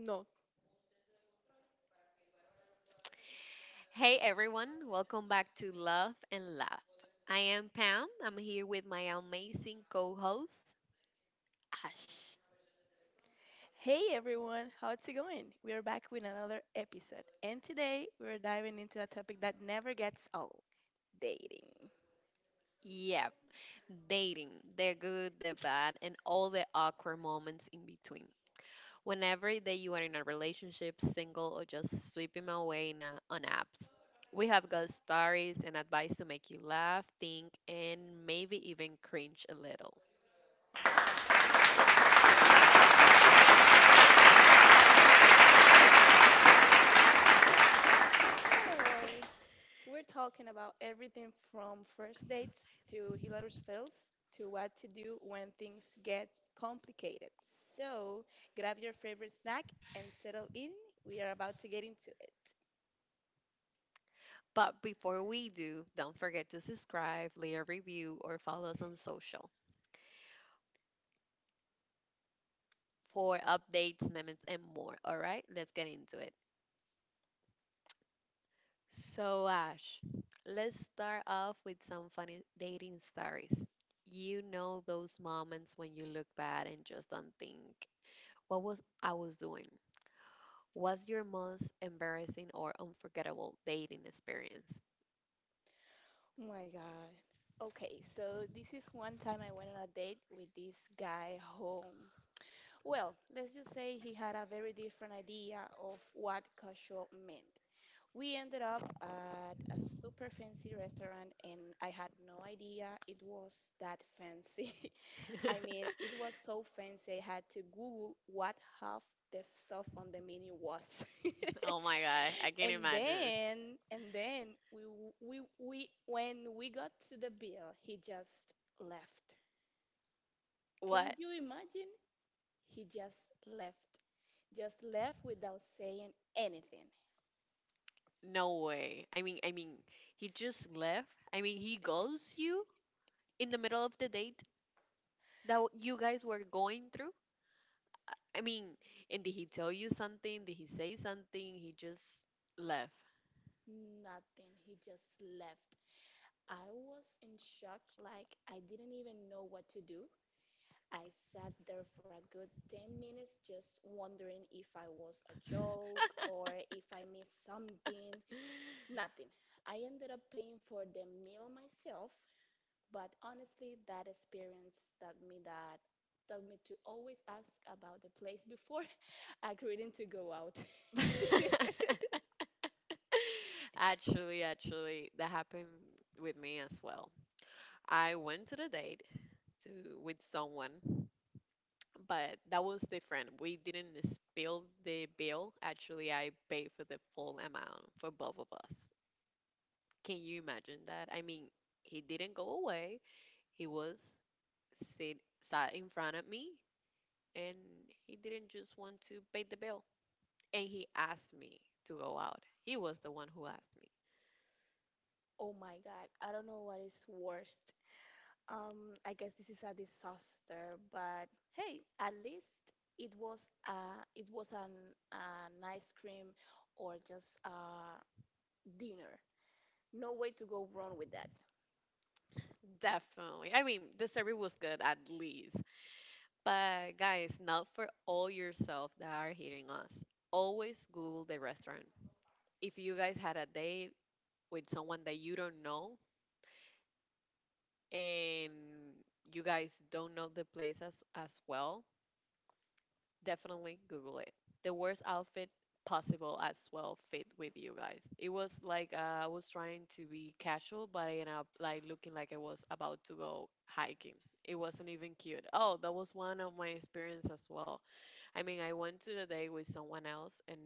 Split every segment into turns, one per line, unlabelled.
No,
Hey everyone, welcome back to Love and Laugh. I am Pam. I'm here with my amazing co host.
Ash. Hey everyone, how's it going? We are back with another episode, and today we're diving into a topic that never gets old, dating.
Yep, dating, the good, the bad, and all the awkward moments in between. Whenever that you are in a relationship, single, or just sweeping away in on apps, we have got stories and advice to make you laugh, think, and maybe even cringe a little.
Hi. We're talking about everything from first dates to hilarious fails to what to do when things get complicated. So grab your favorite snack and settle in. We are about to get into it.
But before we do, don't forget to subscribe, leave a review, or follow us on social. For updates, memes, and more. All right, let's get into it. So, Ash, let's start off with some funny dating stories. You know those moments when you look bad and just don't think, what was I was doing? What's your most embarrassing or unforgettable dating experience?
Oh my God. Okay, so this is one time I went on a date with this guy home. Well, let's just say he had a very different idea of what casual meant. We ended up at a super fancy restaurant, and I had no idea it was that fancy. I mean, it was so fancy, I had to Google what half the stuff on the menu was.
Oh my god, I can't
And
imagine.
then, and then we w- we when we got to the bill, he just left. Can
What?
you imagine? He just left. Just left without saying anything.
No way. I mean, he just left. I mean, he ghosts you in the middle of the date that you guys were going through? I mean, and did he tell you something? Did he say something? He just left.
Nothing. He just left. I was in shock, like I didn't even know what to do. I sat there for a good 10 minutes just wondering if I was a joke or if I missed something. Nothing. I ended up paying for the meal myself. But honestly, that experience taught me to always ask about the place before agreeing to go out.
Actually, that happened with me as well. I went to the date to with someone, but that was different. We didn't spill the bill. Actually, I paid for the full amount for both of us. Can you imagine that? I mean, he didn't go away. He was sit sat in front of me and he didn't just want to pay the bill. And he asked me to go out. He was the one who asked me.
Oh my God, I don't know what is worst. I guess this is a disaster, but hey, at least it was an ice cream or just a dinner. No way to go wrong with that.
Definitely. I mean, the service was good at least. But guys, not for all yourself that are hitting us. Always Google the restaurant. If you guys had a date with someone that you don't know and you guys don't know the place as well, definitely Google it. The worst outfit possible as well fit with you guys. It was like I was trying to be casual, but I ended up like looking like I was about to go hiking. It wasn't even cute. Oh, that was one of my experience as well. I mean, I went to the day with someone else, and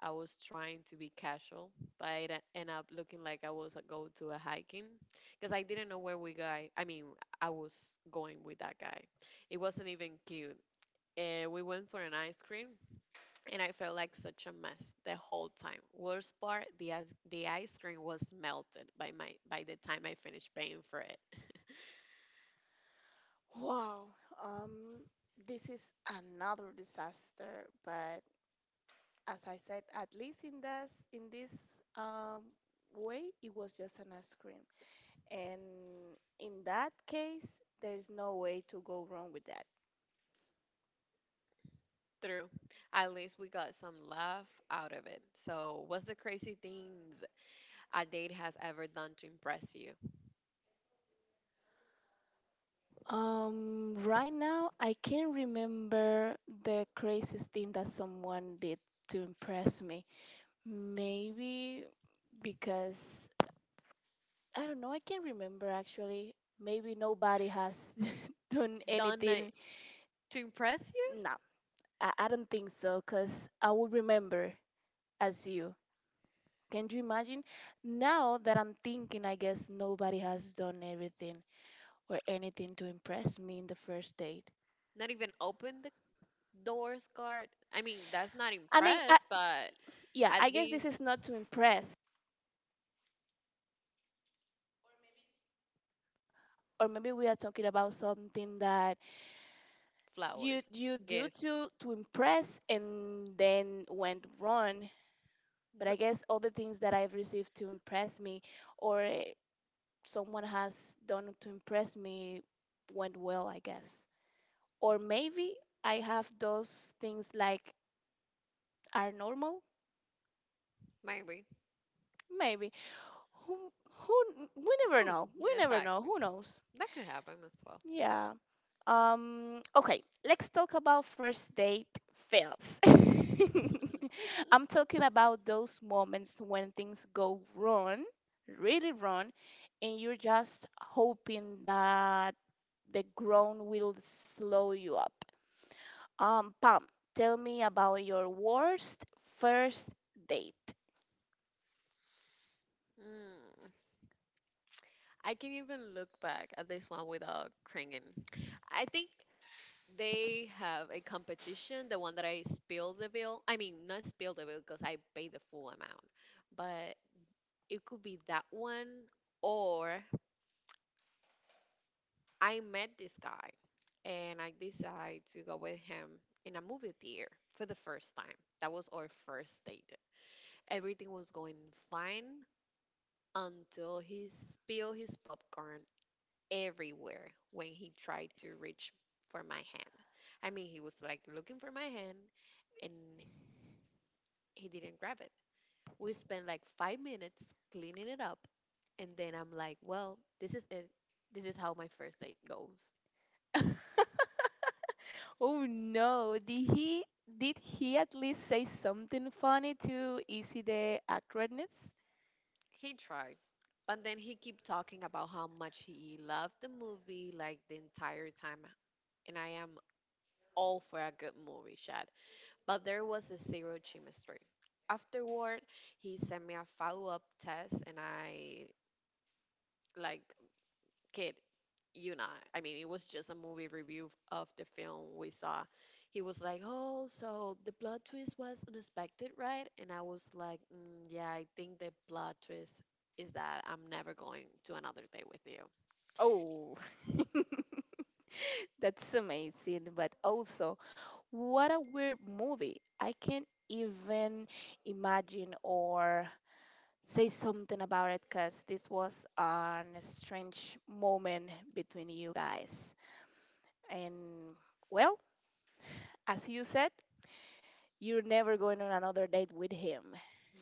I was trying to be casual, but I ended up looking like I was go to a hiking because I didn't know where we guy. I mean, I was going with that guy. It wasn't even cute and we went for an ice cream and I felt like such a mess the whole time. Worst part, the ice cream was melted by my by the time I finished paying for it.
Wow. Um, this is another disaster, but as I said, at least in this way, it was just an ice cream, and in that case, there's no way to go wrong with that.
True. At least we got some laugh out of it. So, what's the crazy things a date has ever done to impress you?
Right now, I can't remember the craziest thing that someone did to impress me. Maybe because I don't know. I can't remember actually. Maybe nobody has done
Done it
anything.
to impress you?
No, I don't think so. Cause I will remember as you. Can you imagine? Now that I'm thinking, I guess nobody has done everything or anything to impress me in the first date.
Not even open the doors card? I mean, that's not
I mean, I,
impressed, but
yeah,
at
I guess this
least
is not to impress, or maybe we are talking about something that you
flowers,
you do
gift.
to impress and then went wrong. But
N-
I guess all the things that I've received to impress me or someone has done to impress me went well, I guess. Or maybe I have those things like are normal.
Maybe.
Maybe. Who we never
Who-
know. We never know.
Exactly.
Who knows?
That could happen as well.
Yeah. Okay, let's talk about first date fails. I'm talking about those moments when things go wrong, really wrong, and you're just hoping that the ground will slow you up. Pam, tell me about your worst first date.
Mm, I can even look back at this one without cringing. I think they have a competition, the one that I spilled the bill. I mean, not spilled the bill because I paid the full amount, but it could be that one. Or I met this guy and I decided to go with him in a movie theater for the first time. That was our first date. Everything was going fine until he spilled his popcorn everywhere when he tried to reach for my hand. I mean, he was like looking for my hand and he didn't grab it. We spent like 5 minutes cleaning it up. And then I'm like, well, this is it. This is how my first date goes.
Oh no, did he at least say something funny to Easy the Acronis?
He tried, but then he kept talking about how much he loved the movie like the entire time, and I am all for a good movie shot. But there was a zero chemistry. Afterward, he sent me a follow-up test, and I like, kid, you know, I mean, it was just a movie review of the film we saw. He was like, "Oh, so the plot twist was unexpected, right?" And I was like, mm, "Yeah, I think the plot twist is that I'm never going to another day with you."
Oh, that's amazing, but also, what a weird movie. I can't even imagine or say something about it because this was an strange moment between you guys. And well, as you said, you're never going on another date with him.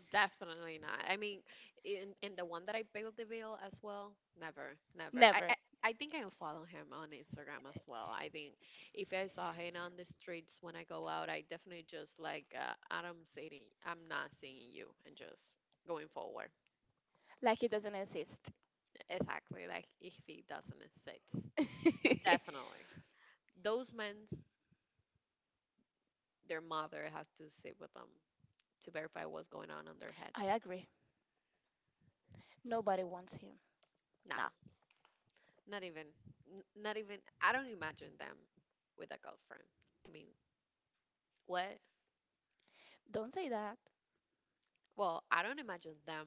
Definitely not. I mean, in the one that I built the bill as well, never, never. I, I
Never.
I think I follow him on Instagram as well. I think if I saw him on the streets when I go out, I definitely just like I'm saying I'm not seeing you and just going forward.
Like he doesn't exist.
Exactly, like if he doesn't exist, definitely those men, their mother has to sit with them to verify what's going on their
I
heads.
agree. Nobody wants him.
Nah,
Nah,
not even. Not even. I don't imagine them with a girlfriend. I mean, what?
don't say that.
Well, I don't imagine them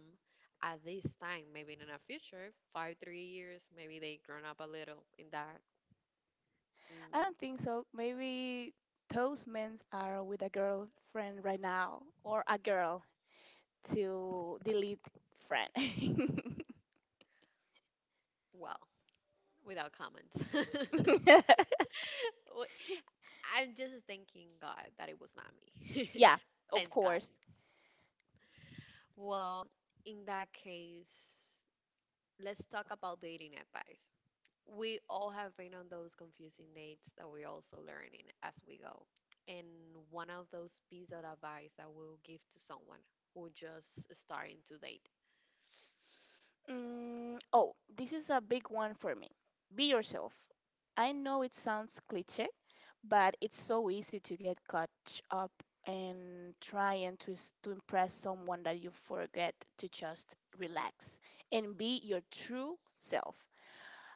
at this time. Maybe in a future, five, 3 years, maybe they grown up a little in that.
I
Mm,
don't think so. Maybe those men are with a girlfriend right now or a girl to delete friend.
well, without comments. Wh- I'm just thanking God that it was not me.
Yeah, of
Thanks God.
course.
Well, in that case, let's talk about dating advice. We all have been on those confusing dates that we're also learning as we go. And one of those pieces of advice that we'll give to someone who just starting to date.
Mm, oh, this is a big one for me. Be yourself. I know it sounds cliche, but it's so easy to get caught up in trying to impress someone that you forget to just relax and be your true self.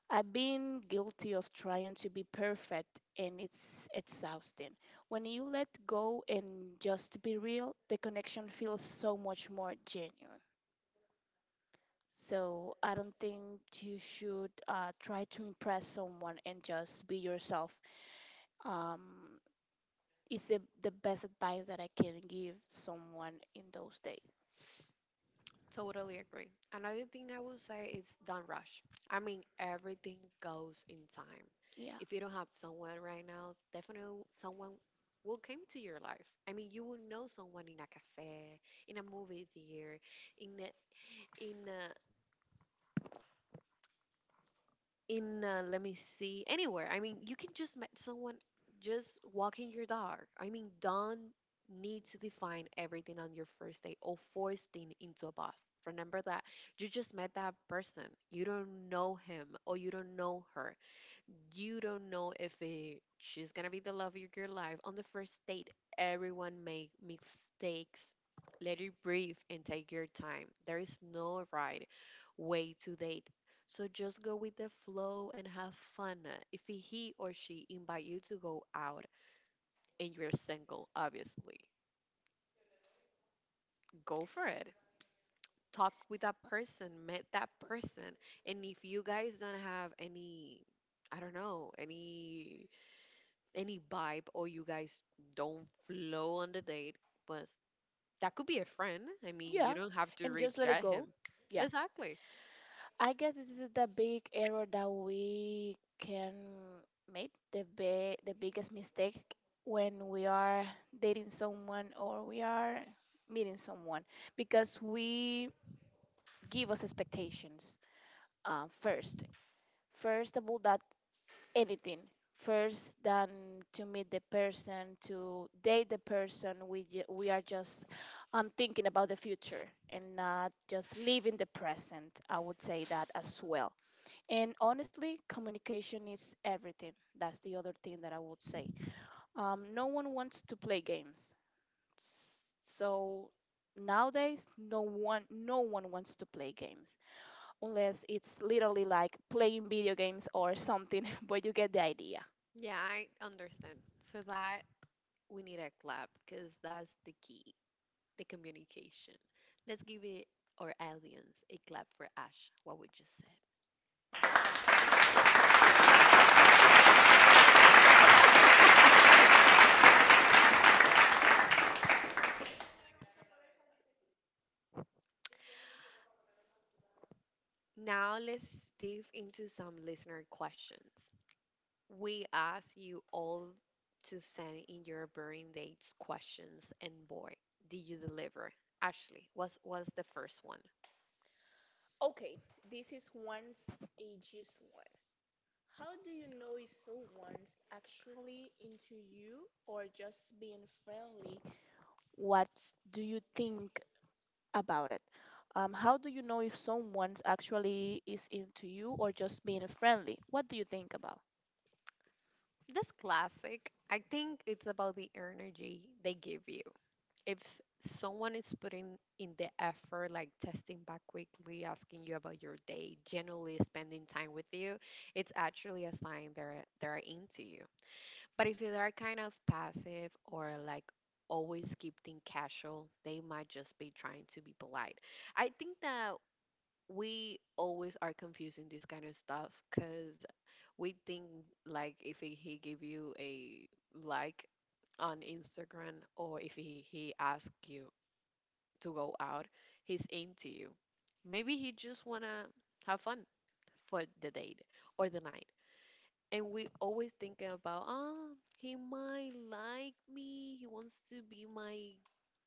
I've been guilty of trying to be perfect and it's exhausting. When you let go and just be real, the connection feels so much more genuine. So I don't think you should try to impress someone and just be yourself. Um, It's the best advice that I can give someone in those days.
Totally agree. Another thing I will say is don't rush. I mean, everything goes in time.
Yeah.
If you don't have someone right now, definitely someone will come to your life. I mean, you will know someone in a cafe, in a movie theater, in a, in a in let me see anywhere. I mean you can just meet someone just walking your dog. I mean don't need to define everything on your first date or force things into a box. Remember that you just met that person, you don't know him or you don't know her. You don't know if she's gonna be the love of your life on the first date. Everyone make mistakes, let it breathe and take your time. There is no right way to date, so just go with the flow and have fun. If he or she invite you to go out and you're single obviously, go for it. Talk with that person, met that person. And if you guys don't have any, I don't know, any vibe or you guys don't flow on the date, but that could be a friend. I mean,
Yeah.
you don't have to
And just let it
reject
go.
him.
Yeah.
Exactly.
I guess this is the big error that we can make the biggest mistake when we are dating someone or we are meeting someone because we give us expectations first. First of all, that anything first than to meet the person to date the person we are just thinking about the future and not just living the present. I would say that as well. And honestly, communication is everything. That's the other thing that I would say. No one wants to play games. S- so nowadays, no one wants to play games unless it's literally like playing video games or something. But you get the idea.
Yeah, I understand. For that, we need a clap because that's the key, the communication. Let's give it our aliens a clap for Ash, what we just said. Now let's dive into some listener questions. We ask you all to send in your burning dates questions, and boy, did you deliver. Ashley was the first one.
Okay, this is one's ages one. How do you know if someone's actually into you or just being friendly? What do you think about it? How do you know if someone's actually is into you or just being friendly? What do you think about?
This classic, I think it's about the energy they give you. If someone is putting in the effort, like testing back quickly, asking you about your day, generally spending time with you, it's actually a sign they're into you. But if they are kind of passive or like always keep things casual, they might just be trying to be polite. I think that we always are confusing this kind of stuff because we think like if he give you a like on Instagram or if he asks you to go out, he's into you. Maybe he just wanna have fun for the date or the night and we always thinking about, ah, he might like me. He wants to be my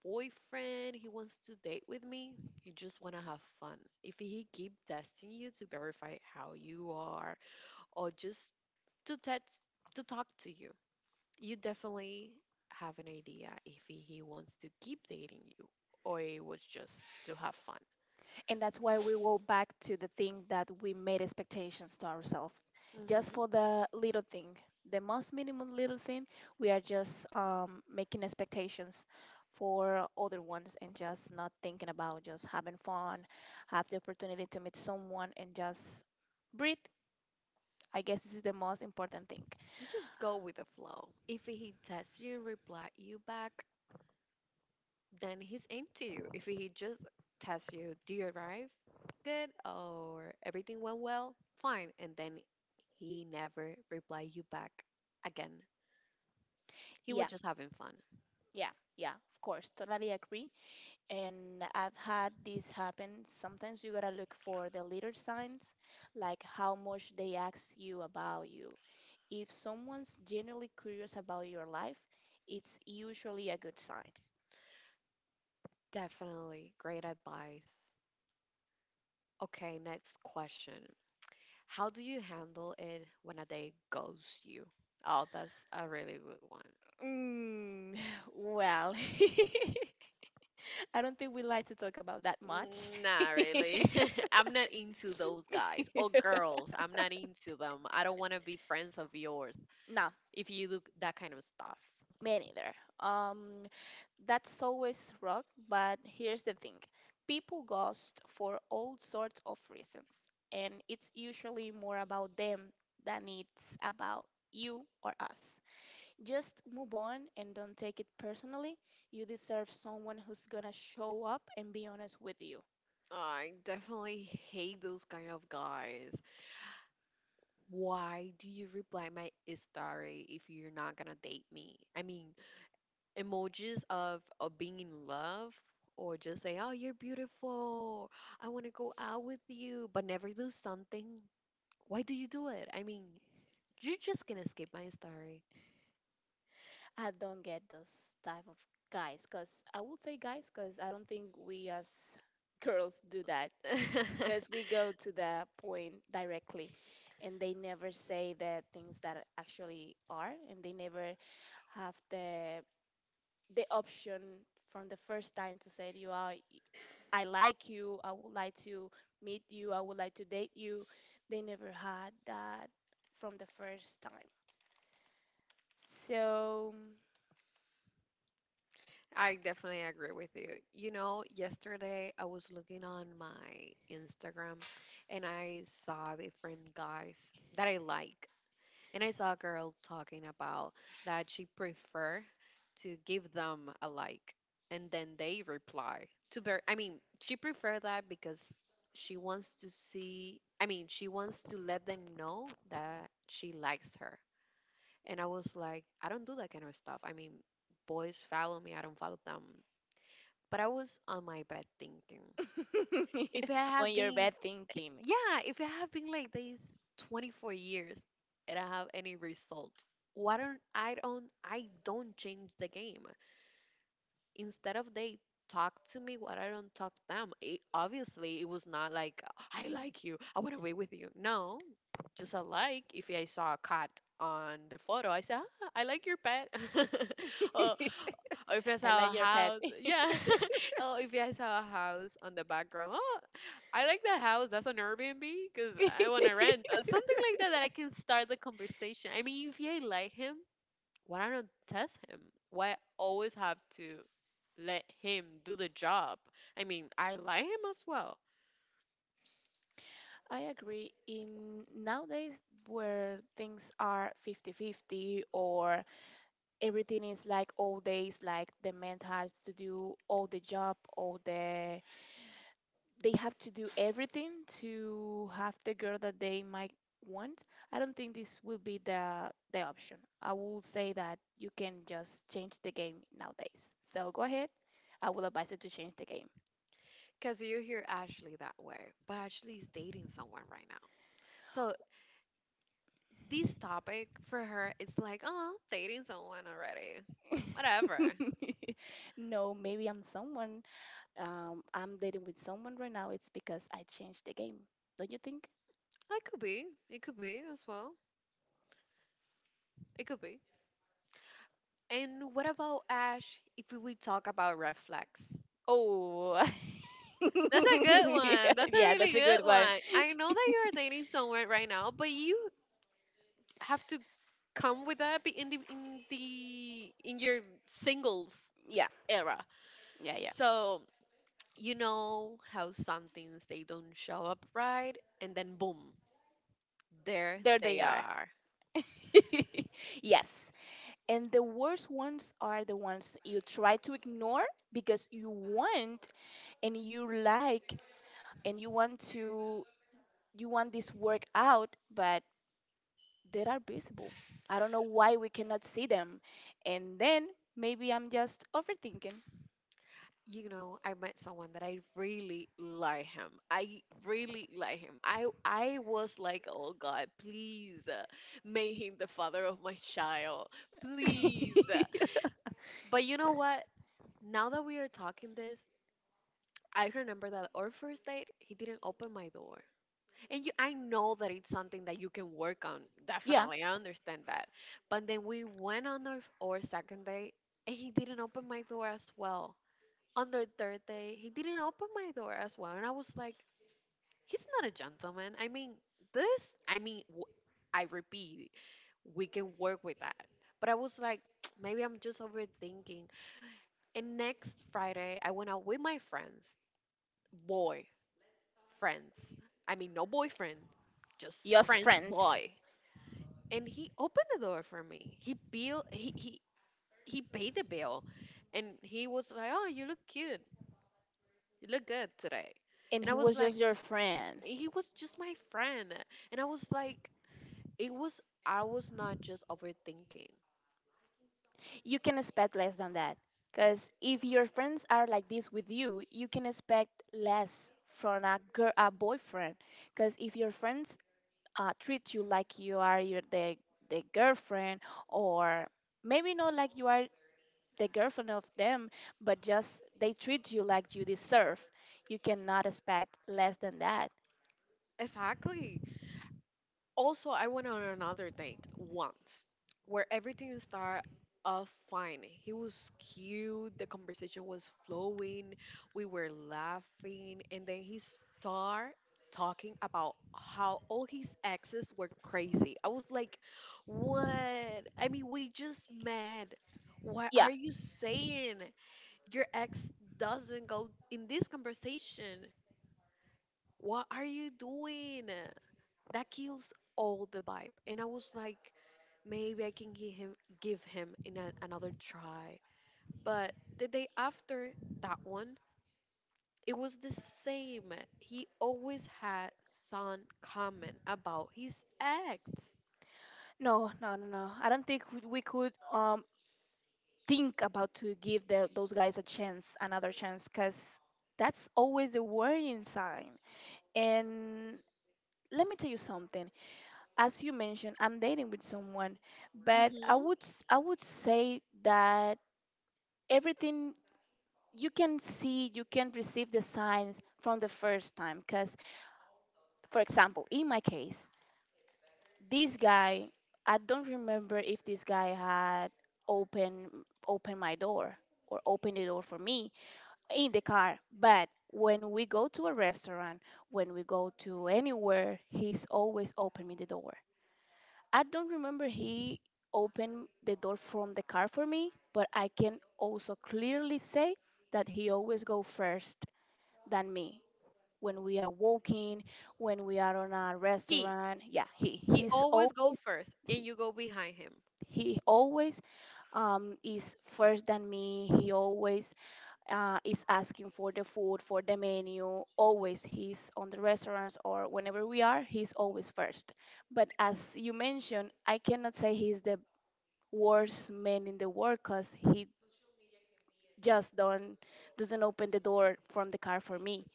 boyfriend. He wants to date with me. He just want to have fun. If he keep testing you to verify how you are or just to test to talk to you, you definitely have an idea if he wants to keep dating you or it was just to have fun.
And that's why we go back to the thing that we made expectations to ourselves. Just
Hmm.
for the little thing, the most minimum little thing, we are just making expectations for other ones and just not thinking about just having fun, have the opportunity to meet someone and just breathe. I guess this is the most important thing.
Just go with the flow. If he texts you, reply you back, then he's into you. If he just texts you, do you arrive? Good or everything went well? Fine. And then he never reply you back again. He
Yeah,
was just having fun.
yeah, yeah, of course. Totally agree. And I've had this happen. Sometimes you gotta look for the little signs, like how much they ask you about you. If someone's genuinely curious about your life, it's usually a good sign.
Definitely great advice. Okay, next question. How do you handle it when a date ghosts you? Oh, that's a really good one.
Mm, well, I don't think we like to talk about that much.
Not really. I'm not into those guys or girls. I'm not into them. I don't want to be friends of yours
No,
if you do that kind of stuff.
me neither. That's always rock, but here's the thing. People ghost for all sorts of reasons, and it's usually more about them than it's about you or us. Just move on and don't take it personally. You deserve someone who's gonna show up and be honest with you.
I definitely hate those kind of guys. Why do you reply my story if you're not gonna date me? I mean, emojis of being in love or just say, "Oh, you're beautiful. I want to go out with you," but never do something. Why do you do it? I mean, you're just gonna skip my story.
I don't get those type of guys, cause I would say guys, cause I don't think we as girls do that. Because we go to the point directly, and they never say the things that actually are, and they never have the option from the first time to say to you, I like you. I would like to meet you. I would like to date you. They never had that from the first time, so
I definitely agree with you. You know, yesterday I was looking on my Instagram and I saw different guys that I like. And I saw a girl talking about that she prefer to give them a like and then they reply to their I mean, she prefer that because she wants to see I mean, she wants to let them know that she likes her. And I was like, I don't do that kind of stuff. I mean, boys follow me, I don't follow them. But I was on my bed thinking, if I have
on your
been,
bad thinking.
yeah, if I have been like this 24 years and I have any result, why don't I don't I don't change the game? Instead of they talk to me, what, I don't talk them. Obviously, it was not like, "I like you, I want to be with you." No, just a like. If I saw a cat on the photo, I said, "Ah, I like your pet." Or if I
I
saw a
like your pet.
house, yeah, or if I saw a house on the background, "Oh, I like that house, that's on Airbnb because I want to rent." Something like that, that I can start the conversation. I mean, if I like him, why I don't test him? Why I always have to let him do the job? I mean, I like him as well.
I agree. In nowadays where things are 50-50, or everything is like all days, like the man has to do all the job, all the they have to do everything to have the girl that they might want. I don't think this will be the option. I will say that you can just change the game nowadays. So go ahead. I will advise you to change the game.
Because you hear Ashley that way, but Ashley is dating someone right now. So this topic, for her, it's like, oh, dating someone already. Whatever.
No, maybe I'm dating with someone right now, it's because I changed the game. Don't you think?
It could be. It could be as well. It could be. And what about Ash, if we talk about red flags?
Oh,
That's a good one. That's a
yeah,
really
that's a
good
good one.
one. I know that you are dating someone right now, but you have to come with that in your singles
Yeah,
era.
yeah, yeah.
So you know how some things, they don't show up right, and then, boom, there
There they
they
are.
are.
Yes. And the worst ones are the ones you try to ignore because you want and you like and you want this work out, but they are visible. I don't know why we cannot see them. And then maybe I'm just overthinking.
You know, I met someone that I really like him. I really like him. I was like, "Oh God, please, make him the father of my child, please." But you know what? Now that we are talking this, I remember that our first date, he didn't open my door. And you, I know that it's something that you can work on.
Yeah,
Definitely, I understand that. But then we went on our second date, and he didn't open my door as well. On the third day, he didn't open my door as well. And I was like, he's not a gentleman. I mean, this, I mean, I repeat, we can work with that. But I was like, maybe I'm just overthinking. And next Friday, I went out with my friends. Boy, friends. I mean, no boyfriend, just
just
friends
friends.
boy. And he opened the door for me. He paid the bill, and he was like, "Oh, you look cute. You look good today."
And
And I
he
was
was
like,
just your friend.
he was just my friend, and I was like, it was, I was not just overthinking.
You can expect less than that. Because if your friends are like this with you, you can expect less from a girl, a boyfriend. Because if your friends treat you like you are the girlfriend, or maybe not like you are the girlfriend of them, but just they treat you like you deserve, you cannot expect less than that.
Exactly. Also, I went on another date once where everything started off fine. He was cute, the conversation was flowing, we were laughing, and then he started talking about how all his exes were crazy. I was like, what? I mean, we just met. What are
Yeah.
you saying? Your ex doesn't go in this conversation. What are you doing? That kills all the vibe. And I was like, maybe I can give him another try. But the day after that one, it was the same. He always had some comment about his ex.
No, no, no, no. I don't think we could think about to give those guys a chance, another chance, because that's always a worrying sign. And let me tell you something. As you mentioned, I'm dating with someone, but I
Hmm.
would s- I would say that everything you can see, you can receive the signs from the first time. Because, for example, in my case, this guy, I don't remember if this guy had open opened my door or opened the door for me in the car. But when we go to a restaurant, when we go to anywhere, he's always opening the door. I don't remember he opened the door from the car for me, but I can also clearly say that he always go first than me. When we are walking, when we are on a
He
restaurant, yeah, he
he
he's
always go
always
first, and
see,
you go behind him.
he always is first than me. He always is asking for the food, for the menu. Always he's on the restaurants or whenever we are, he's always first. But as you mentioned, I cannot say he's the worst man in the world because he just don't doesn't open the door from the car for me.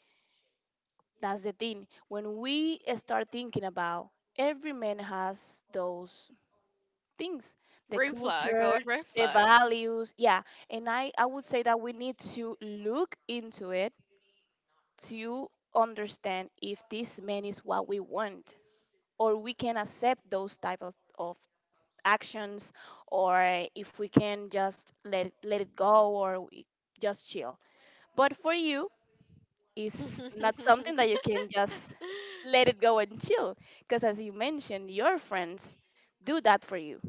That's the thing. When we start thinking about every man has those things, the
Green flag.
culture,
Red
the
flag.
values, yeah, and I would say that we need to look into it to understand if this man is what we want, or we can accept those type of actions, or if we can just let it go, or we just chill. But for you, it's not something that you can just let it go and chill, because as you mentioned your friends do that for you,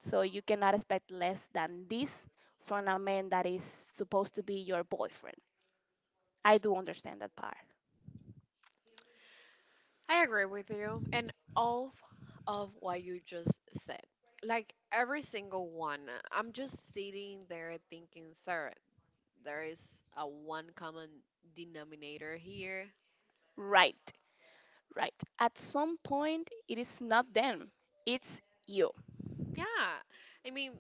so you cannot expect less than this from a man that is supposed to be your boyfriend. I do understand that part.
I agree with you, and all of what you just said, like every single one. I'm just sitting there thinking, sir, there is a one common denominator here.
right Right. At some point, it is not them, it's you.
Yeah, I mean,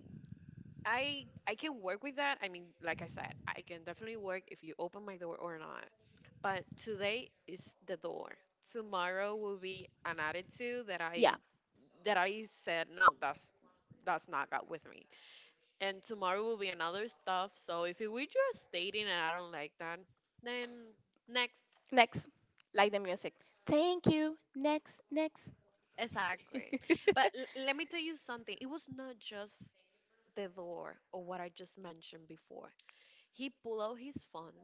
I can work with that. I mean, like I said, I can definitely work if you open my door or not. But today is the door. Tomorrow will be an attitude that I,
Yeah.
that I said no, that's not got with me, and tomorrow will be another stuff. So if we just dating and I don't like that, then next.
Next. Like the music. Thank you. Next. Next.
Exactly. But let me tell you something. It was not just the door or what I just mentioned before. He pulled out his phone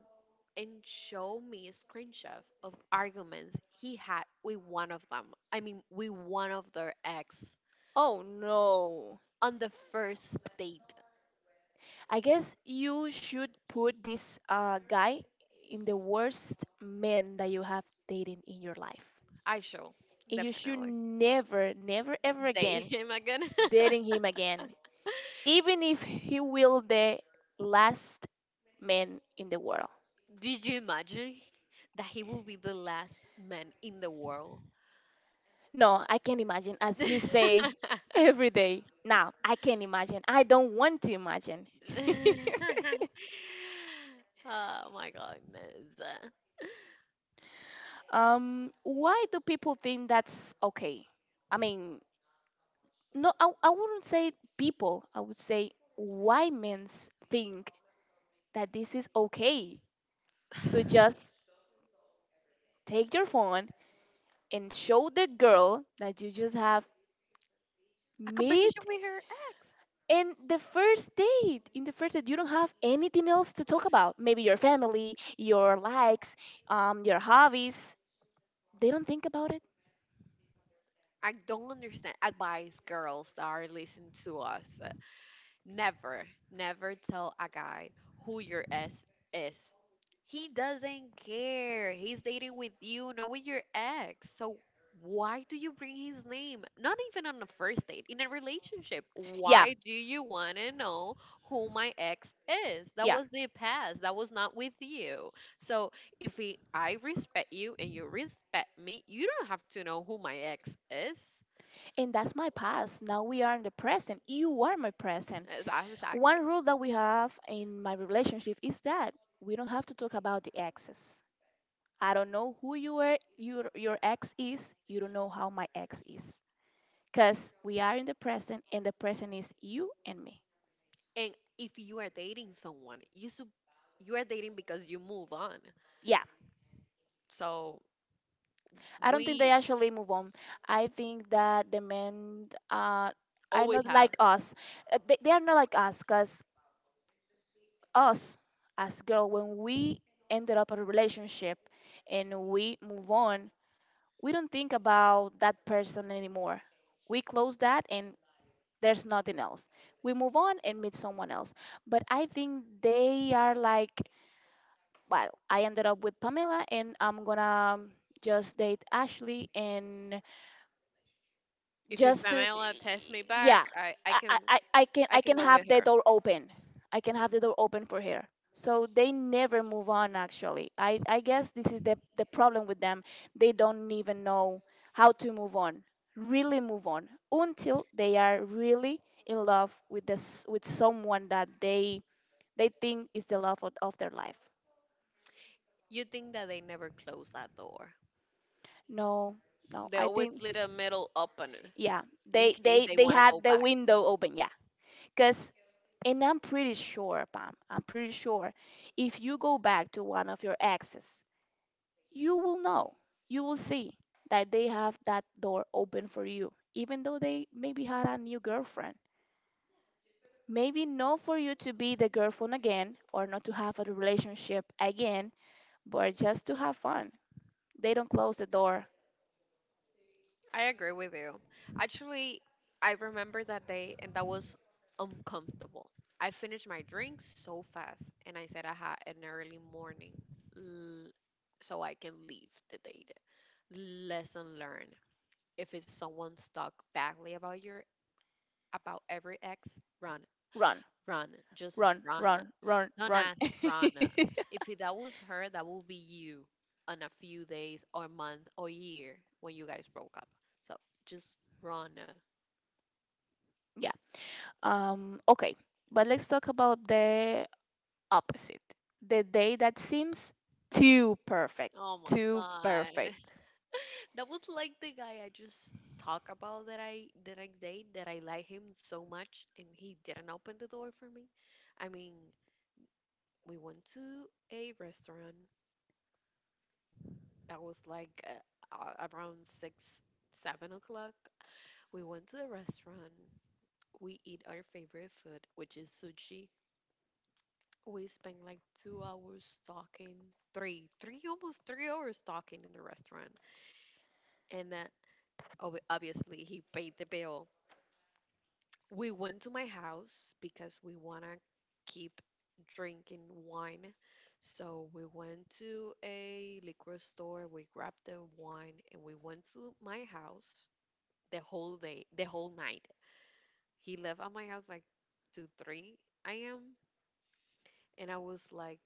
and showed me a screenshot of arguments he had with one of them. I mean, with one of their ex
Oh no.
on the first date.
I guess you should put this guy in the worst man that you have dated in your life.
I show
And you should
definitely
never, never, ever
date
again
him again.
dating him again. Even if he will the last man in the world.
Did you imagine that he will be the last man in the world?
No, I can't imagine. As you say
Oh
every day, now I can't imagine. I don't want to imagine.
my goodness.
Why do people think that's okay? I mean, no, I wouldn't say people. I would say why men think that this is okay to just take your phone and show the girl that you just have
A conversation
meat.
with her ex.
And the first date, in the first date, you don't have anything else to talk about. Maybe your family, your likes, your hobbies. They don't think about it.
I don't understand. Advice, girls that are listening to us. Never, never tell a guy who your ex is. He doesn't care. He's dating with you, not with your ex. So why do you bring his name? Not even on a first date, in a relationship.
Yeah,
Why do you want to know who my ex is? That
yeah.
was the past. That was not with you. So if we, I respect you and you respect me, you don't have to know who my ex is. Ex-
And that's my past. Now we are in the present. You are my present.
exactly.
One rule that we have in my relationship is that we don't have to talk about the exes. I don't know who you were, your ex is. You don't know how my ex is. Cause we are in the present, and the present is you and me.
And if you are dating someone, you you are dating because you move on.
Yeah.
So
I don't think they
we
actually move on. I think that the men are
always
not
have.
like us. They are not like us because us as girl, when we ended up a relationship and we move on, we don't think about that person anymore. We close that and there's nothing else. We move on and meet someone else. But I think they are like, well, I ended up with Pamela and I'm gonna just date Ashley and
If you,
just to
Pamela texts me
yeah,
back, I
I, I
can,
i I can
I
i
can
can
go with
have the
her.
door open, I can
Mhm.
have the door open for her. So they never move on, actually. I guess this is the problem with them. They don't even know how to move on, really move on, until they are really in love with this, with someone that they think is the love of their life.
You think that they never close that door?
No. no
They
i
always
think,
leave a middle open
yeah,
in
they
case
they
they
they
wanna go
had the
back.
window open, yeah. Because And I'm pretty sure, Pam, I'm pretty sure if you go back to one of your exes, you will know, you will see that they have that door open for you, even though they maybe had a new girlfriend. Maybe not for you to be the girlfriend again or not to have a relationship again, but just to have fun. They don't close the door.
I agree with you. Actually, I remember that day, and that was uncomfortable. I finished my drink so fast and I said I had an early morning l- so I can leave the date. Lesson learned. If it's someone talk badly about your, about every ex, run,
Run,
run, just
run,
run.
run, run,
Don't
run.
ask, run. If it- that was her, that will be you on a few days or month or year when you guys broke up. So just run.
Yeah. Okay. But let's talk about the opposite. The day that seems too perfect.
Oh my
Too
God.
perfect.
That was like the guy I just talked about that I, that I date, that I like him so much and he didn't open the door for me. I mean, we went to a restaurant that was like around 6, 7 o'clock. We went to the restaurant. We eat our favorite food, which is sushi. We spent like 2 hours talking, almost 3 hours talking in the restaurant. And obviously, he paid the bill. We went to my house because we want to keep drinking wine. So we went to a liquor store, we grabbed the wine, and we went to my house the whole day, the whole night. He left at my house like 2, 3 a.m. and I was like,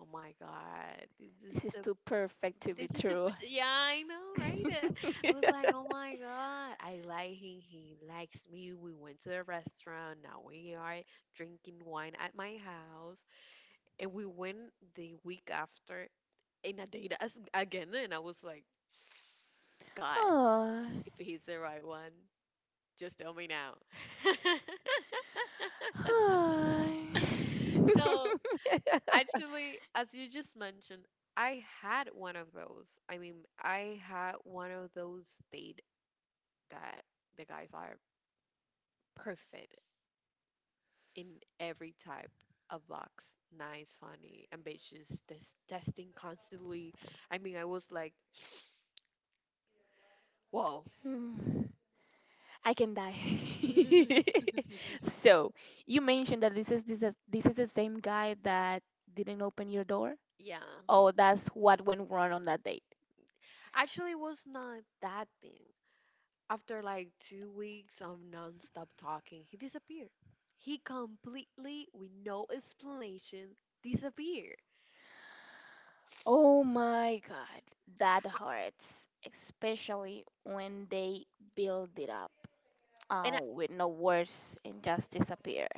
oh my god, this is
This is
the,
too perfect to be
this is the,
true.
yeah, I know right. I was like, oh my god, I like him. He likes me. We went to a restaurant. Now we are drinking wine at my house, and we went the week after in a date as, again, and I was like, God,
Oh.
if he's the right one, just tell me now.
Hi.
So, actually, as you just mentioned, I had one of those. I mean, I had one of those date that the guys are perfect in every type of box. Nice, funny, ambitious, testing constantly. I mean, I was like, whoa.
Hmm. I can die. So you mentioned that this is the same guy that didn't open your door.
Yeah.
Oh, that's what went wrong on that date.
Actually, it was not that thing. After like 2 weeks of nonstop talking, he disappeared. He completely, with no explanation, disappeared.
Oh my god, that hurts, especially when they build it up
And I,
with no words and just disappear.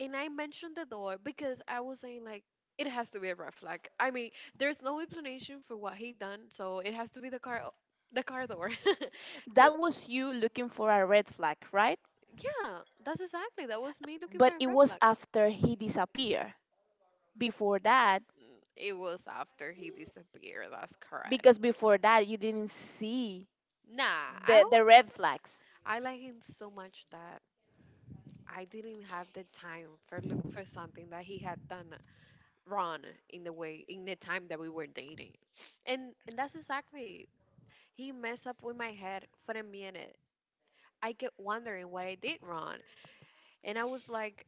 and I mentioned the door because I was saying like it has to be a red flag. I mean, there's no explanation for what he done, so it has to be the car door. 'Cause-
That was you looking for a red flag, right?
yeah, that's exactly, that was me looking for
But
a
it
red
was
flag.
after he disappeared. Before that,
Mm, it was after he disappeared. That's correct.
because before that you didn't see
Nah, I
the
w-
red flags.
I like him so much that I didn't have the time for look for something that he had done wrong in the time that we were dating. And that's exactly, he messed up with my head for a minute. I kept wondering what I did wrong. And I was like,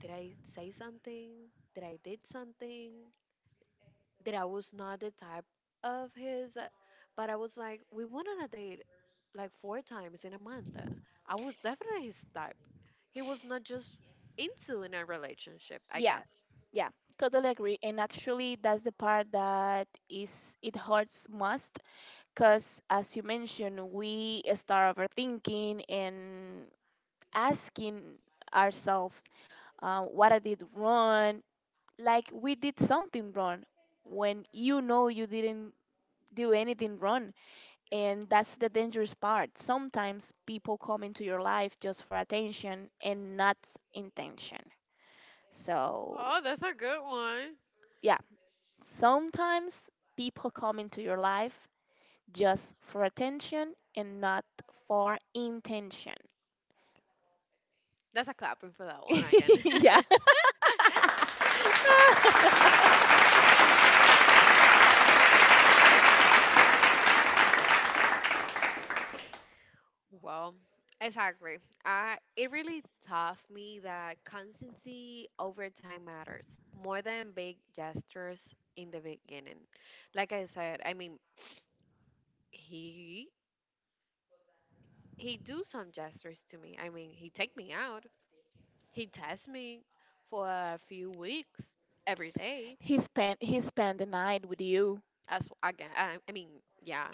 did I say something? Did I did something? That I was not the type of his, but I was like, we went on a date like four times in a month. I was definitely his type. He was not just into in a relationship, I
Yeah,
guess.
yeah, totally agree. And actually, that's the part that is it hurts most, because as you mentioned we start overthinking and asking ourselves what I did wrong, like we did something wrong, when you know you didn't do anything wrong. And that's the dangerous part. Sometimes people come into your life just for attention and not intention. So,
Oh, that's a good one.
yeah, sometimes people come into your life just for attention and not for intention.
That's a clapping for that one again.
Yeah.
Well, exactly. I, it really taught me that constancy over time matters more than big gestures in the beginning. Like I said, I mean, he he do some gestures to me. I mean, he take me out. He test me for a few weeks every day.
He spent the night with you.
As again, I mean, yeah.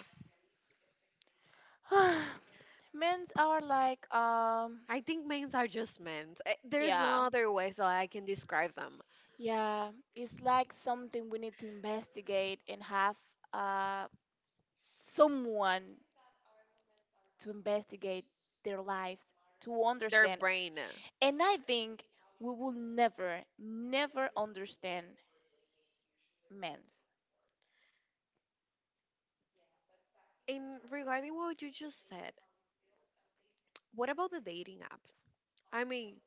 Men's are like
I think men are just men. There's
yeah.
no other way so I can describe them.
Yeah. It's like something we need to investigate and have uh someone to investigate their lives to
Their
understand.
brain.
And I think we will never, never understand men's.
And regarding what you just said, what about the dating apps? I mean,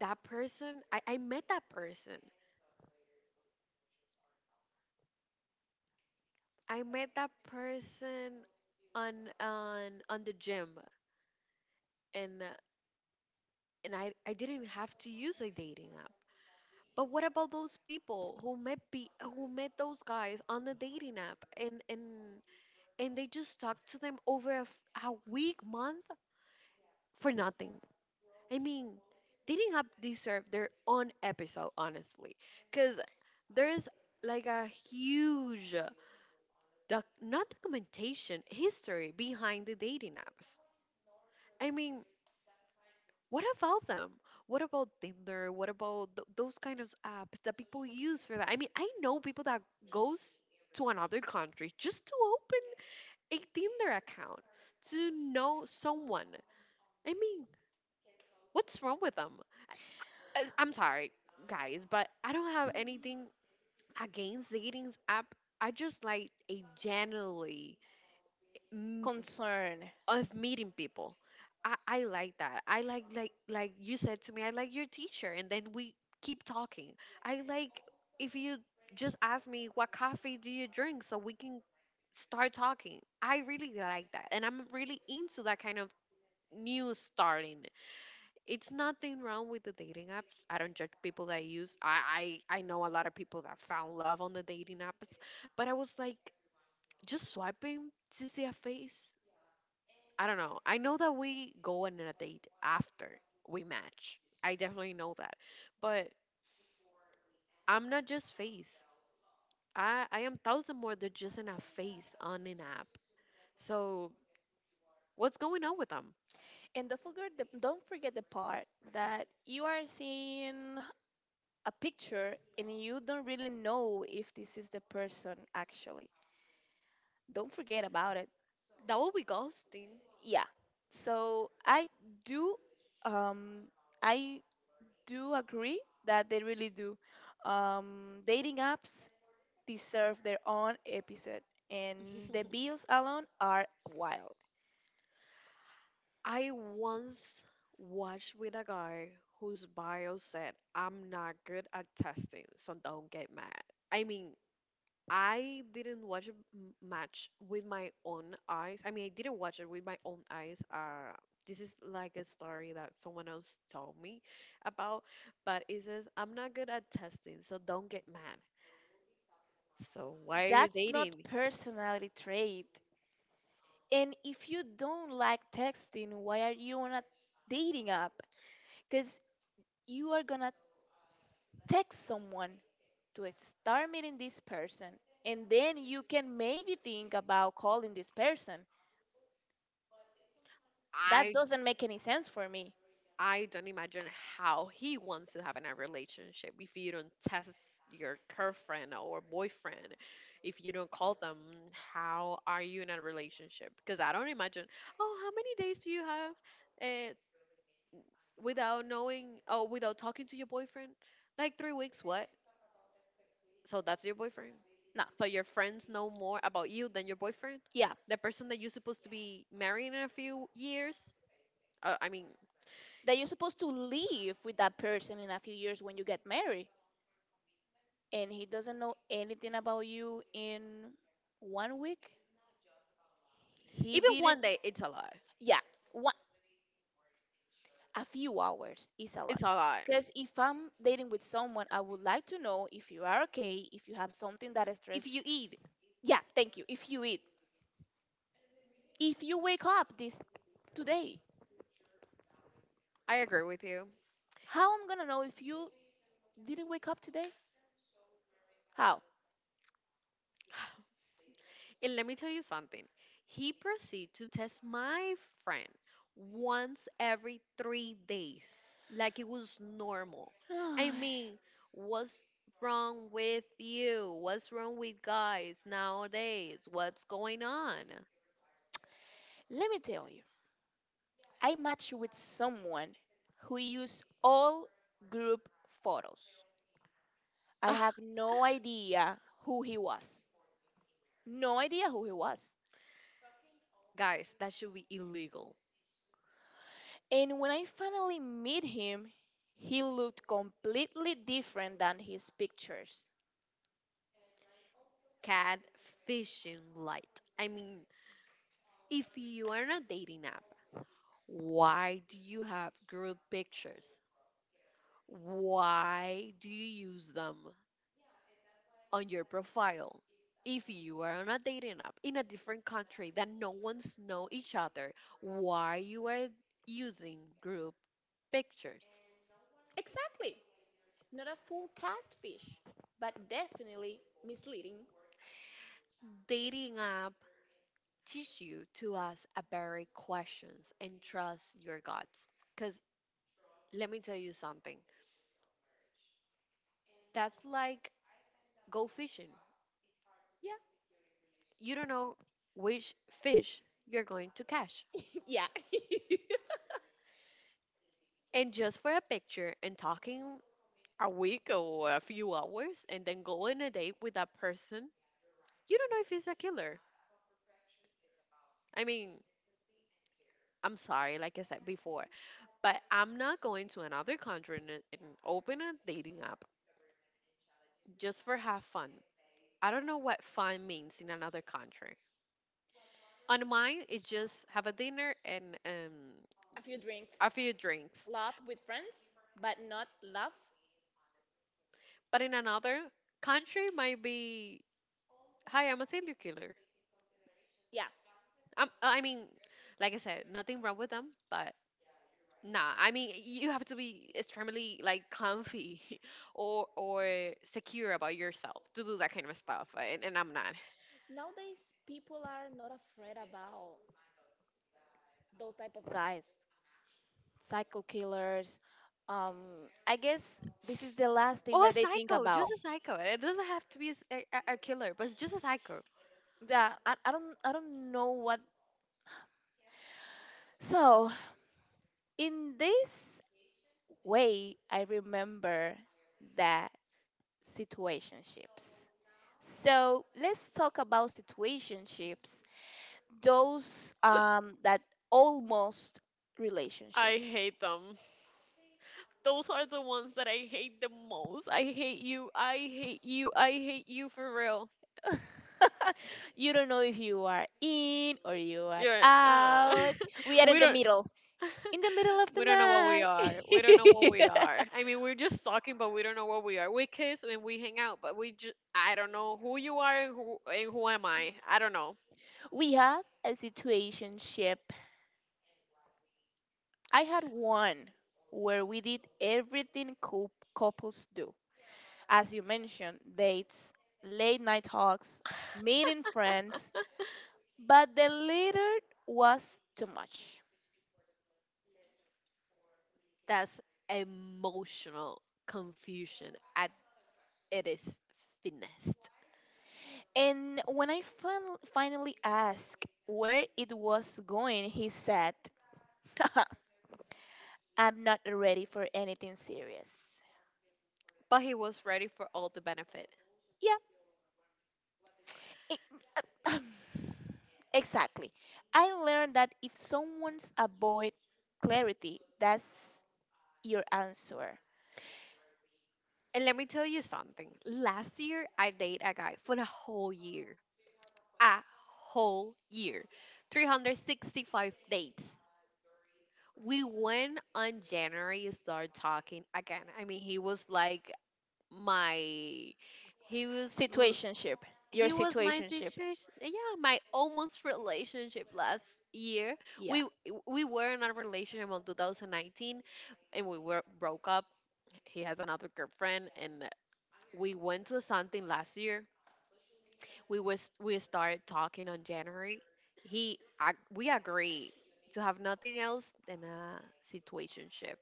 that person. I met that person. I met that person on the gym and I didn't have to use a dating app. But what about those people who met those guys on the dating app and they just talked to them over a week, month for nothing? I mean, dating app deserve their own episode, honestly, because there's like a huge doc not documentation history behind the dating apps. I mean, what about them? What about Tinder? What about those kind of apps that people use for that? I mean, I know people that goes to another country just to open a Tinder account to know someone. I mean, what's wrong with them? I'm sorry, guys, but I don't have anything against dating app. I just like a generally mm,
Concern.
of meeting people. I like that. I like you said to me, I like your teacher and then we keep talking. I like if you just ask me what coffee do you drink so we can start talking. I really like that. And I'm really into that kind of new starting. It's nothing wrong with the dating apps. I don't judge people that use. I know a lot of people that found love on the dating apps, but I was like just swiping to see a face. I don't know. I know that we go on a date after we match. I definitely know that. But I'm not just face. I am thousand more than just in a face on an app. So what's going on with them?
And don't forget don't forget the part that you are seeing a picture and you don't really know if this is the person actually. Don't forget about it.
That will be ghosting.
Yeah. So do um I do agree that they really do. Dating apps deserve their own episode and the bills alone are wild.
I once watched with a guy whose bio said, I'm not good at testing, so don't get mad. I mean, I didn't watch match with my own eyes. I mean, I didn't watch it with my own eyes. This is like a story that someone else told me about, but it says, I'm not good at testing, so don't get mad. So why are you
That's not
dating?
personality trait. And if you don't like texting, why are you on a dating app? Because you are gonna text someone to start meeting this person, and then you can maybe think about calling this person. That
I
doesn't make any sense for me.
I don't imagine how he wants to have in a relationship if you don't test your girlfriend or boyfriend, if you don't call them, how are you in a relationship? Because I don't imagine, oh, how many days do you have uh, without knowing, oh, without talking to your boyfriend? Like 3 weeks, what? So that's your boyfriend?
No,
So your friends know more about you than your boyfriend?
yeah,
The person that you're supposed to be marrying in a few years? I mean,
that you're supposed to live with that person in a few years when you get married, and he doesn't know anything about you in one week. He
even one
didn't.
day, it's a lot.
Yeah, one, a few hours is a
It's
lot.
a lot
Because if I'm dating with someone, I would like to know if you are okay, if you have something that is
if you
stress.
eat.
Yeah, thank you. If you eat, if you wake up this today,
I agree with you.
how I'm gonna know if you didn't wake up today? How?
And let me tell you something. He proceeded to test my friend once every 3 days, like it was normal. I mean, what's wrong with you? What's wrong with guys nowadays? What's going on?
Let me tell you. I match with someone who used all group photos. I
Ah,
have no idea who he was. No idea who he was.
guys, that should be illegal.
And when I finally met him, he looked completely different than his pictures.
Catfishing light. I mean, if you are on a dating app, why do you have group pictures? Why do you use them on your profile? If you are on a dating app in a different country that no one's know each other, why you are using group pictures?
Exactly. Not a full catfish, but definitely misleading.
Dating app teach you to ask a very questions and trust your guts. Cause let me tell you something. That's like go fishing.
Yeah.
You don't know which fish you're going to catch.
Yeah.
And just for a picture and talking a week or a few hours and then go on a date with that person, you don't know if he's a killer. I mean, I'm sorry, like I said before, but I'm not going to another country and open a dating app just for have fun. I don't know what fun means in another country. On mine, it's just have a dinner and
A few drinks.
a few drinks.
Laugh with friends, but not love.
But in another country, might be, hi, I'm a serial killer.
Yeah.
I mean, like I said, nothing wrong with them, but nah, I mean you have to be extremely like comfy or secure about yourself to do that kind of stuff, and I'm not.
Nowadays, people are not afraid about those type of guys. Cycle killers. I guess this is the last thing
Oh, a
that they think
psycho, just
about.
a psycho. It doesn't have to be a killer, but it's just a psycho.
Yeah, I don't know what. So in this way, I remember that situationships. So let's talk about situationships, those that almost relationship.
I hate them. Those are the ones that I hate the most. I hate you. I hate you. I hate you for real.
You don't know if you are in or you are
Yeah. Uh,
out. We are
we don't.
in the middle of the
We don't know what we
night.
are. We don't know what we are. I mean, we're just talking, but we don't know what we are. We kiss and we hang out, but we just I don't know who you are and who am I. I don't know.
We have a situationship. I had one where we did everything couples do. As you mentioned, dates, late night talks, meeting friends, but the latter was too much.
That's emotional confusion at it is finessed.
And when I finally asked where it was going, he said, I'm not ready for anything serious.
But he was ready for all the benefit.
Yeah, it- uh, exactly. I learned that if someone's avoid clarity, that's your answer.
And let me tell you something. Last year, I dated a guy for a whole year. A whole year. 365 dates. We went on January start talking again. I mean, he was like my he was l-
Situationship. Your
he was my
situationship.
situation. Yeah, my almost relationship last year.
Yeah.
We we were in a relationship on 2019 and we were broke up. He has another girlfriend and we went to something last year. We started talking on January. We agreed to have nothing else than a situationship,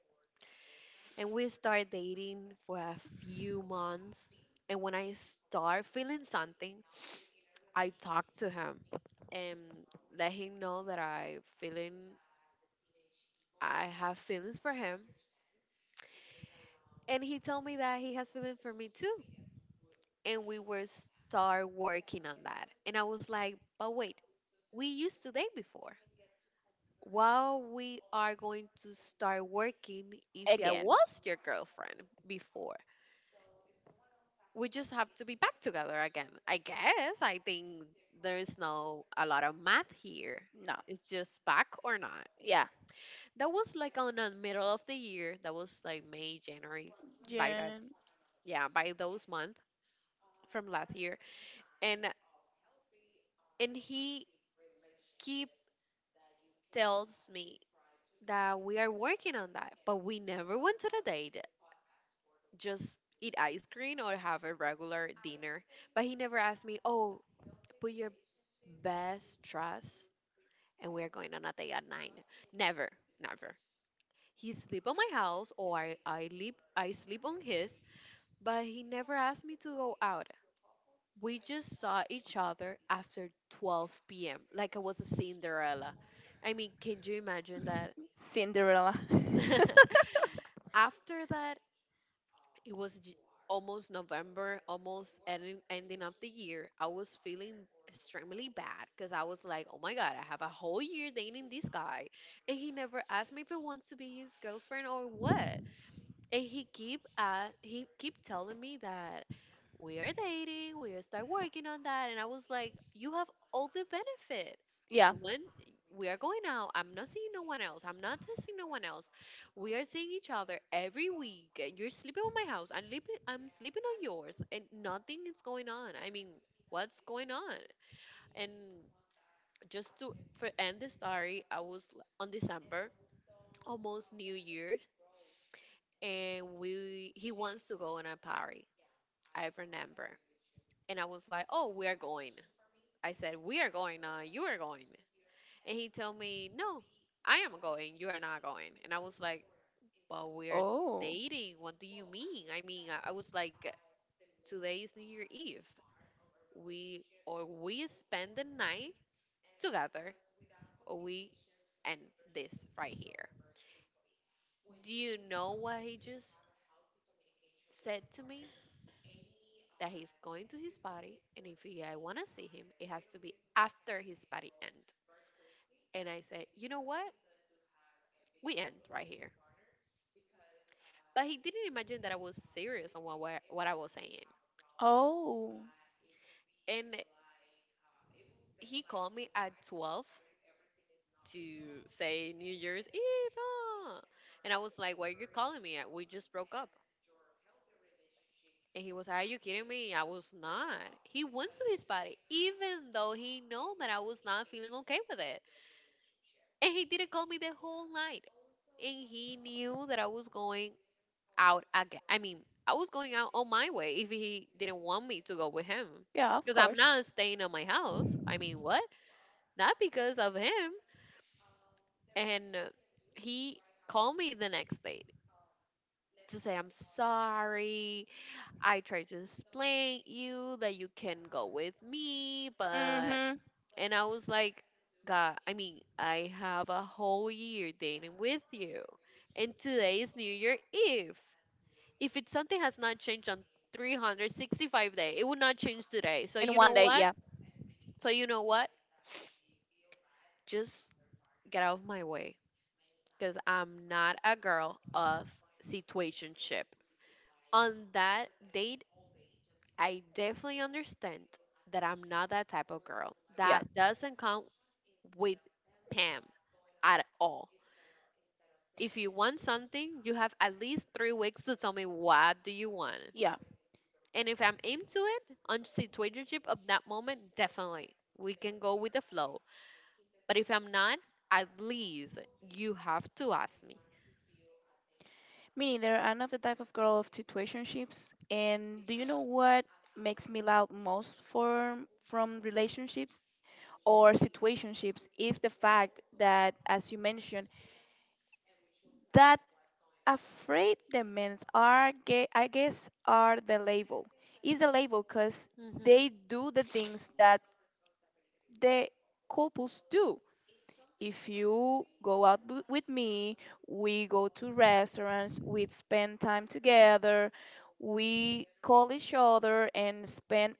and we start dating for a few months. And when I start feeling something, I talk to him and let him know that I have feelings for him. And he told me that he has feelings for me too, and we were start working on that. And I was like, but wait, we used to date before. While we are going to start working, if I
Again.
was your girlfriend before, we just have to be back together again. I guess. I think there is no a lot of math here.
No.
It's just back or not.
Yeah.
That was like on the middle of the year. That was like May, January. By that,
June.
yeah, by those months from last year. And and he keep tells me that we are working on that, but we never went to the date. Just eat ice cream or have a regular dinner. But he never asked me, oh, put your best dress and we're going on a date at 9. Never, never. He sleep on my house or I sleep on his, but he never asked me to go out. We just saw each other after 12 p.m. like I was a Cinderella. I mean, can you imagine that?
Cinderella.
After that, it was almost November, ending of the year. I was feeling extremely bad because I was like, oh my God, I have a whole year dating this guy. And he never asked me if he wants to be his girlfriend or what. And he keep telling me that we are dating, we are start working on that, and I was like, you have all the benefit.
Yeah.
You went, we are going out. I'm not seeing no one else. I'm not testing no one else. We are seeing each other every week. And you're sleeping on my house. I'm sleeping on yours, and nothing is going on. I mean, what's going on? And just to for end the story, I was on December, almost New Year's, and we he wants to go on a party. I remember, and I was like, "Oh, we are going." I said, "We are going. Now you are going." And he told me, "No, I am going. You are not going." And I was like, "But we are
Oh.
dating. What do you mean?" I mean, I was like, "Today is New Year Eve. We or we spend the night together, or we end this right here." Do you know what he just said to me? That he's going to his party, and if I want to see him, it has to be after his party end. And I said, you know what? We end right here. But he didn't imagine that I was serious on what I was saying.
Oh.
And he called me at 12 to say New Year's Eve. Ah. And I was like, why are you calling me? We just broke up. And he was like, are you kidding me? I was not. He went to his party, even though he know that I was not feeling okay with it. And he didn't call me the whole night. And he knew that I was going out again. I mean, I was going out on my way if he didn't want me to go with him.
Yeah, of
Because I'm
course.
not staying at my house. I mean, what? Not because of him. And he called me the next day to say, I'm sorry. I tried to explain you that you can go with me, but
Mm-hmm.
and I was like, God, I mean, I have a whole year dating with you. And today is New Year Eve. If it's something has not changed on 365 day, it would not change today. So
In
you
one
know
day,
what?
yeah.
So you know what? Just get out of my way because I'm not a girl of situationship. On that date, I definitely understand that I'm not that type of girl.
Yeah.
That doesn't come with Pam at all if you want something, you have at least 3 weeks to tell me what do you want.
Yeah.
And if I'm into it, on situationship of that moment, definitely we can go with the flow. But if I'm not, at least you have to ask me.
Me neither. I'm not the type of girl of situationships. And do you know what makes me loud most for from relationships or situationships is the fact that as you mentioned, that afraid the men are I guess are the label, is the label, because
hmm
they do the things that the couples do. If you go out with me, we go to restaurants, we spend time together, we call each other and spend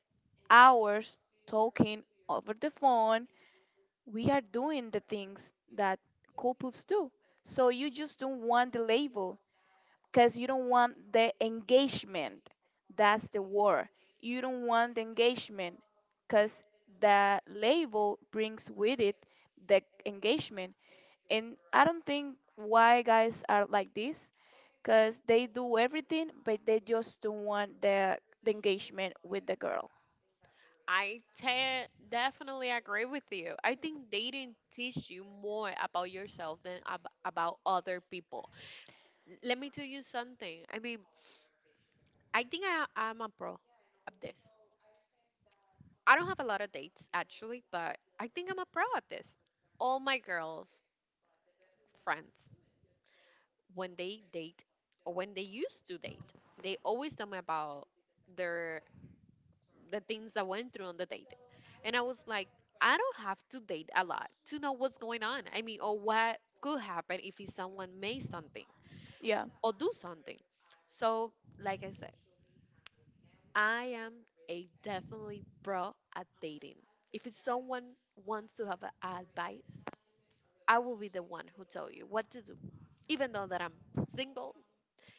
hours talking over the phone. We are doing the things that couples do. So you just don't want the label because you don't want the engagement. That's the word. You don't want the engagement because the label brings with it the engagement. And I don't think why guys are like this because they do everything, but they just don't want the engagement with the girl.
Definitely agree with you. I think dating teach you more about yourself than about other people. Let me tell you something. I mean, I think I'm a pro of this. I don't have a lot of dates actually, but I think I'm a pro at this. All my girls friends, when they date or when they used to date, they always tell me about their the things that went through on the date. And I was like, I don't have to date a lot to know what's going on. I mean, or what could happen if it's someone made something
Yeah.
or do something. So, like I said, I am a definitely pro at dating. If it's someone wants to have a advice, I will be the one who tell you what to do, even though that I'm single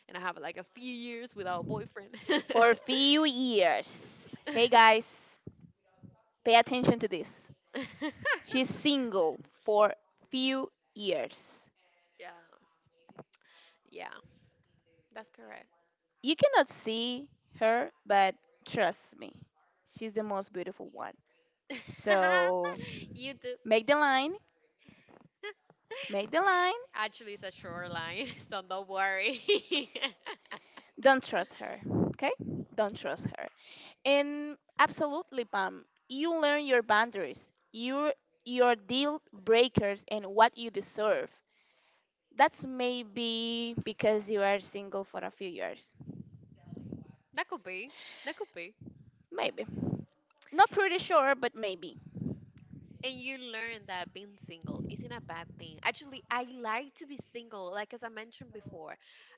and I have like a few years without a boyfriend.
For a few years. Hey guys, pay attention to this. She's single for few years.
Yeah, yeah, that's correct.
You cannot see her, but trust me, she's the most beautiful one. So
You do.
make the line, make the line.
Actually, it's a shoreline, so don't worry.
Don't trust her, okay? Don't trust her. And absolutely, Pam, you learn your boundaries, your deal breakers, and what you deserve. That's maybe because you are single for a few years.
That could be. That could be.
Maybe. Not pretty sure, but maybe.
And you learn that being single isn't a bad thing. Actually, I like to be single. Like as I mentioned before,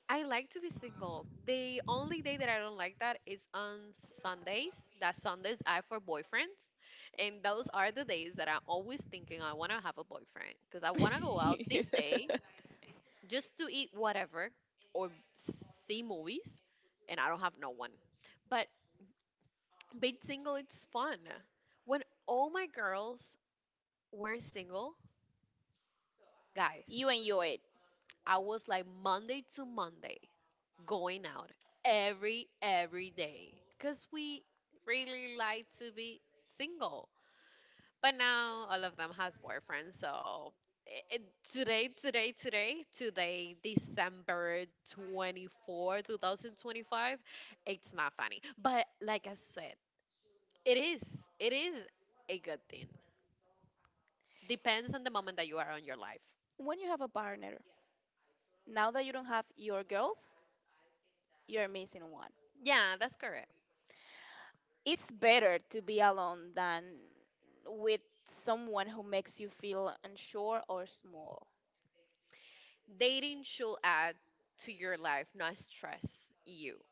I like to be single. The only day that I don't like that is on Sundays. That Sundays I for boyfriends, and those are the days that I'm always thinking I want to have a boyfriend because I want to go out this day just to eat whatever or see movies, and I don't have no one. But being single, it's fun. When all my girls were single guys,
You enjoy it
I was like Monday to Monday going out every day cuz we really like to be single. But now all of them has boyfriends, so eh, eh, today December 24, 2025, it's not funny. But like I said, it is it is a good thing. Depends on the moment that you are on your life.
when you have a partner. Now that you don't have your girls, you're missing one.
Yeah, that's correct.
It's better to be alone than with someone who makes you feel unsure or small.
Dating should add to your life, not stress you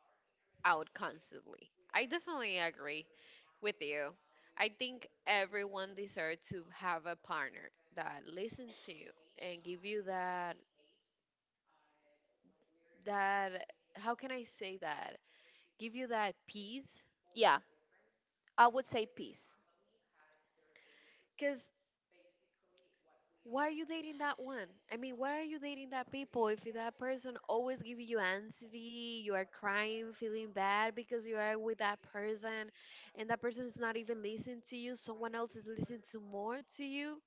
out constantly. I definitely agree with you. I think everyone deserves to have a partner that listens to you and give you that how can I say that? Give you that peace
Yeah, I would say peace.
cuz why are you dating that one? I mean, why are you dating that people if that person always give you anxiety, you are crying, feeling bad because you are with that person and that person is not even listening to you, someone else is listening to more to you?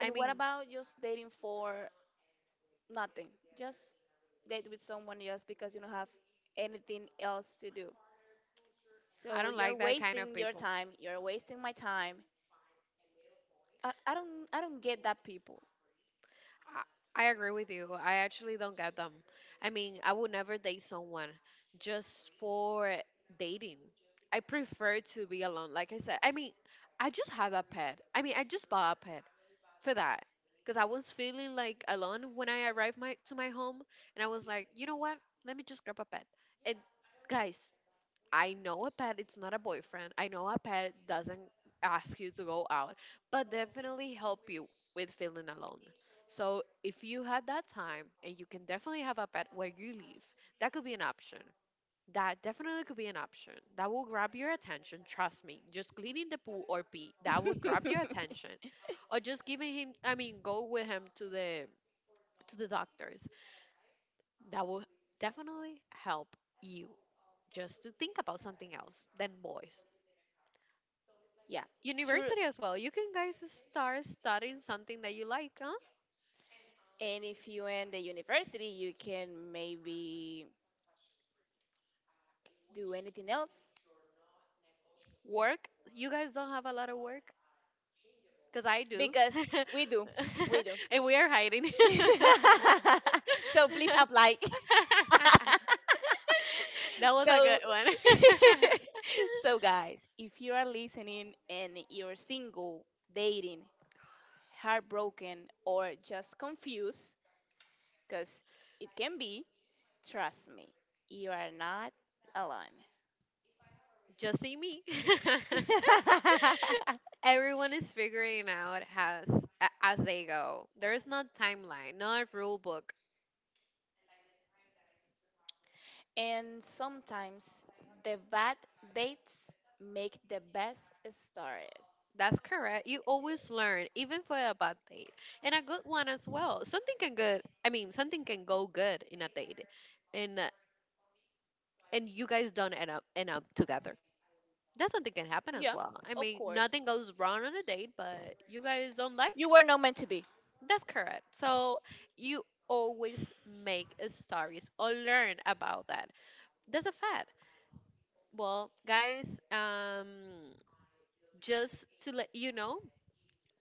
I
what
mean,
about just dating for nothing? Just date with someone just because you don't have anything else to do.
I
So
don't
you're
like that kind of
wasting your
people.
time, you're wasting my time. I, I don't I don't get that people.
I agree with you. I actually don't get them. I mean, I would never date someone just for dating. I prefer to be alone. Like I said, I mean, I just have a pet. I mean, I just bought a pet. For that because I was feeling like alone when I arrived my to my home, and I was like, you know what? Let me just grab a pet. And guys, I know a pet. It's not a boyfriend. I know a pet doesn't ask you to go out, but definitely help you with feeling alone. So if you had that time, and you can definitely have a pet where you live, that could be an option. That definitely could be an option. That will grab your attention. Trust me. Just cleaning the pool or pee. That would grab your attention. Or just giving him I mean, go with him to the doctors. That will definitely help you just to think about something else than boys.
Yeah. True.
University as well. You can guys start studying something that you like, huh?
And if you end the university, you can maybe do anything else
Work. You guys don't have a lot of work? Because I do.
because we do, we do.
And we are hiding.
So please apply.
That was a
So,
good one.
so guys, if you are listening and you're single, dating, heartbroken, or just confused, because it can be, trust me, you are not alone.
Just see me. Everyone is figuring out as as they go. There is no timeline, not a rule book.
And sometimes the bad dates make the best stories.
That's correct. You always learn, even for a bad date, and a good one as well. Something can good. I mean, something can go good in a date, and uh, and you guys don't end up together. That's something can happen as
Yeah,
well. I
of
mean,
course.
nothing goes wrong on a date, but you guys don't like
You were not meant to be.
that's correct. So you always make stories or learn about that. That's a fact. Well, guys, um, just to let you know,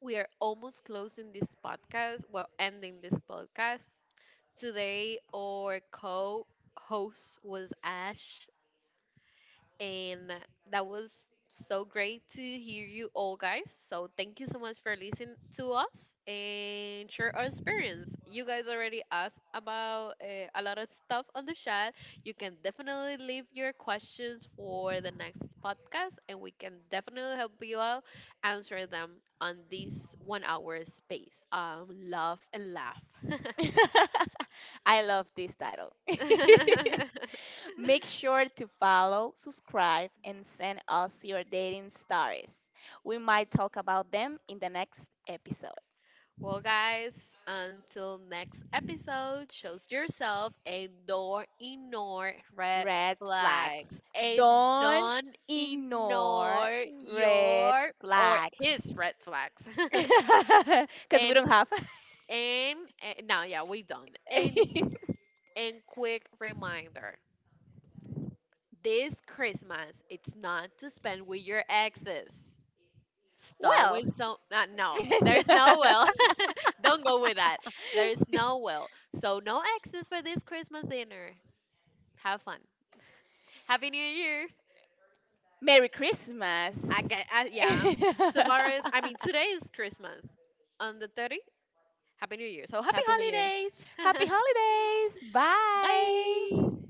we are almost closing this podcast. Well, ending this podcast. Today, our co host was Ash. And that was so great to hear you all guys. So thank you so much for listening to us and share our experience. You guys already asked about a lot of stuff on the chat. You can definitely leave your questions for the next podcast, and we can definitely help you out answer them on this 1 hour space. Love and laugh.
I love this title. Make sure to follow, subscribe, and send us your dating stories. We might talk about them in the next episode.
Well, guys, until next episode, choose yourself and don't ignore red
Red flags.
flags. And
Don't
don't
ignore
ignore
red
your or
flags.
his red flags.
Because we
and,
don't have.
and, and now, yeah, we done. And, and quick reminder this Christmas, it's not to spend with your exes. Start
Well,
with some no there's no will don't go with that there is no will so no exes for this Christmas dinner. Have fun. Happy New Year.
Merry
I get
Christmas.
Yeah, tomorrow is today is Christmas on the 30th. Happy New Year, so happy
Happy New Year.
holidays.
Happy holidays.
Bye.
Bye.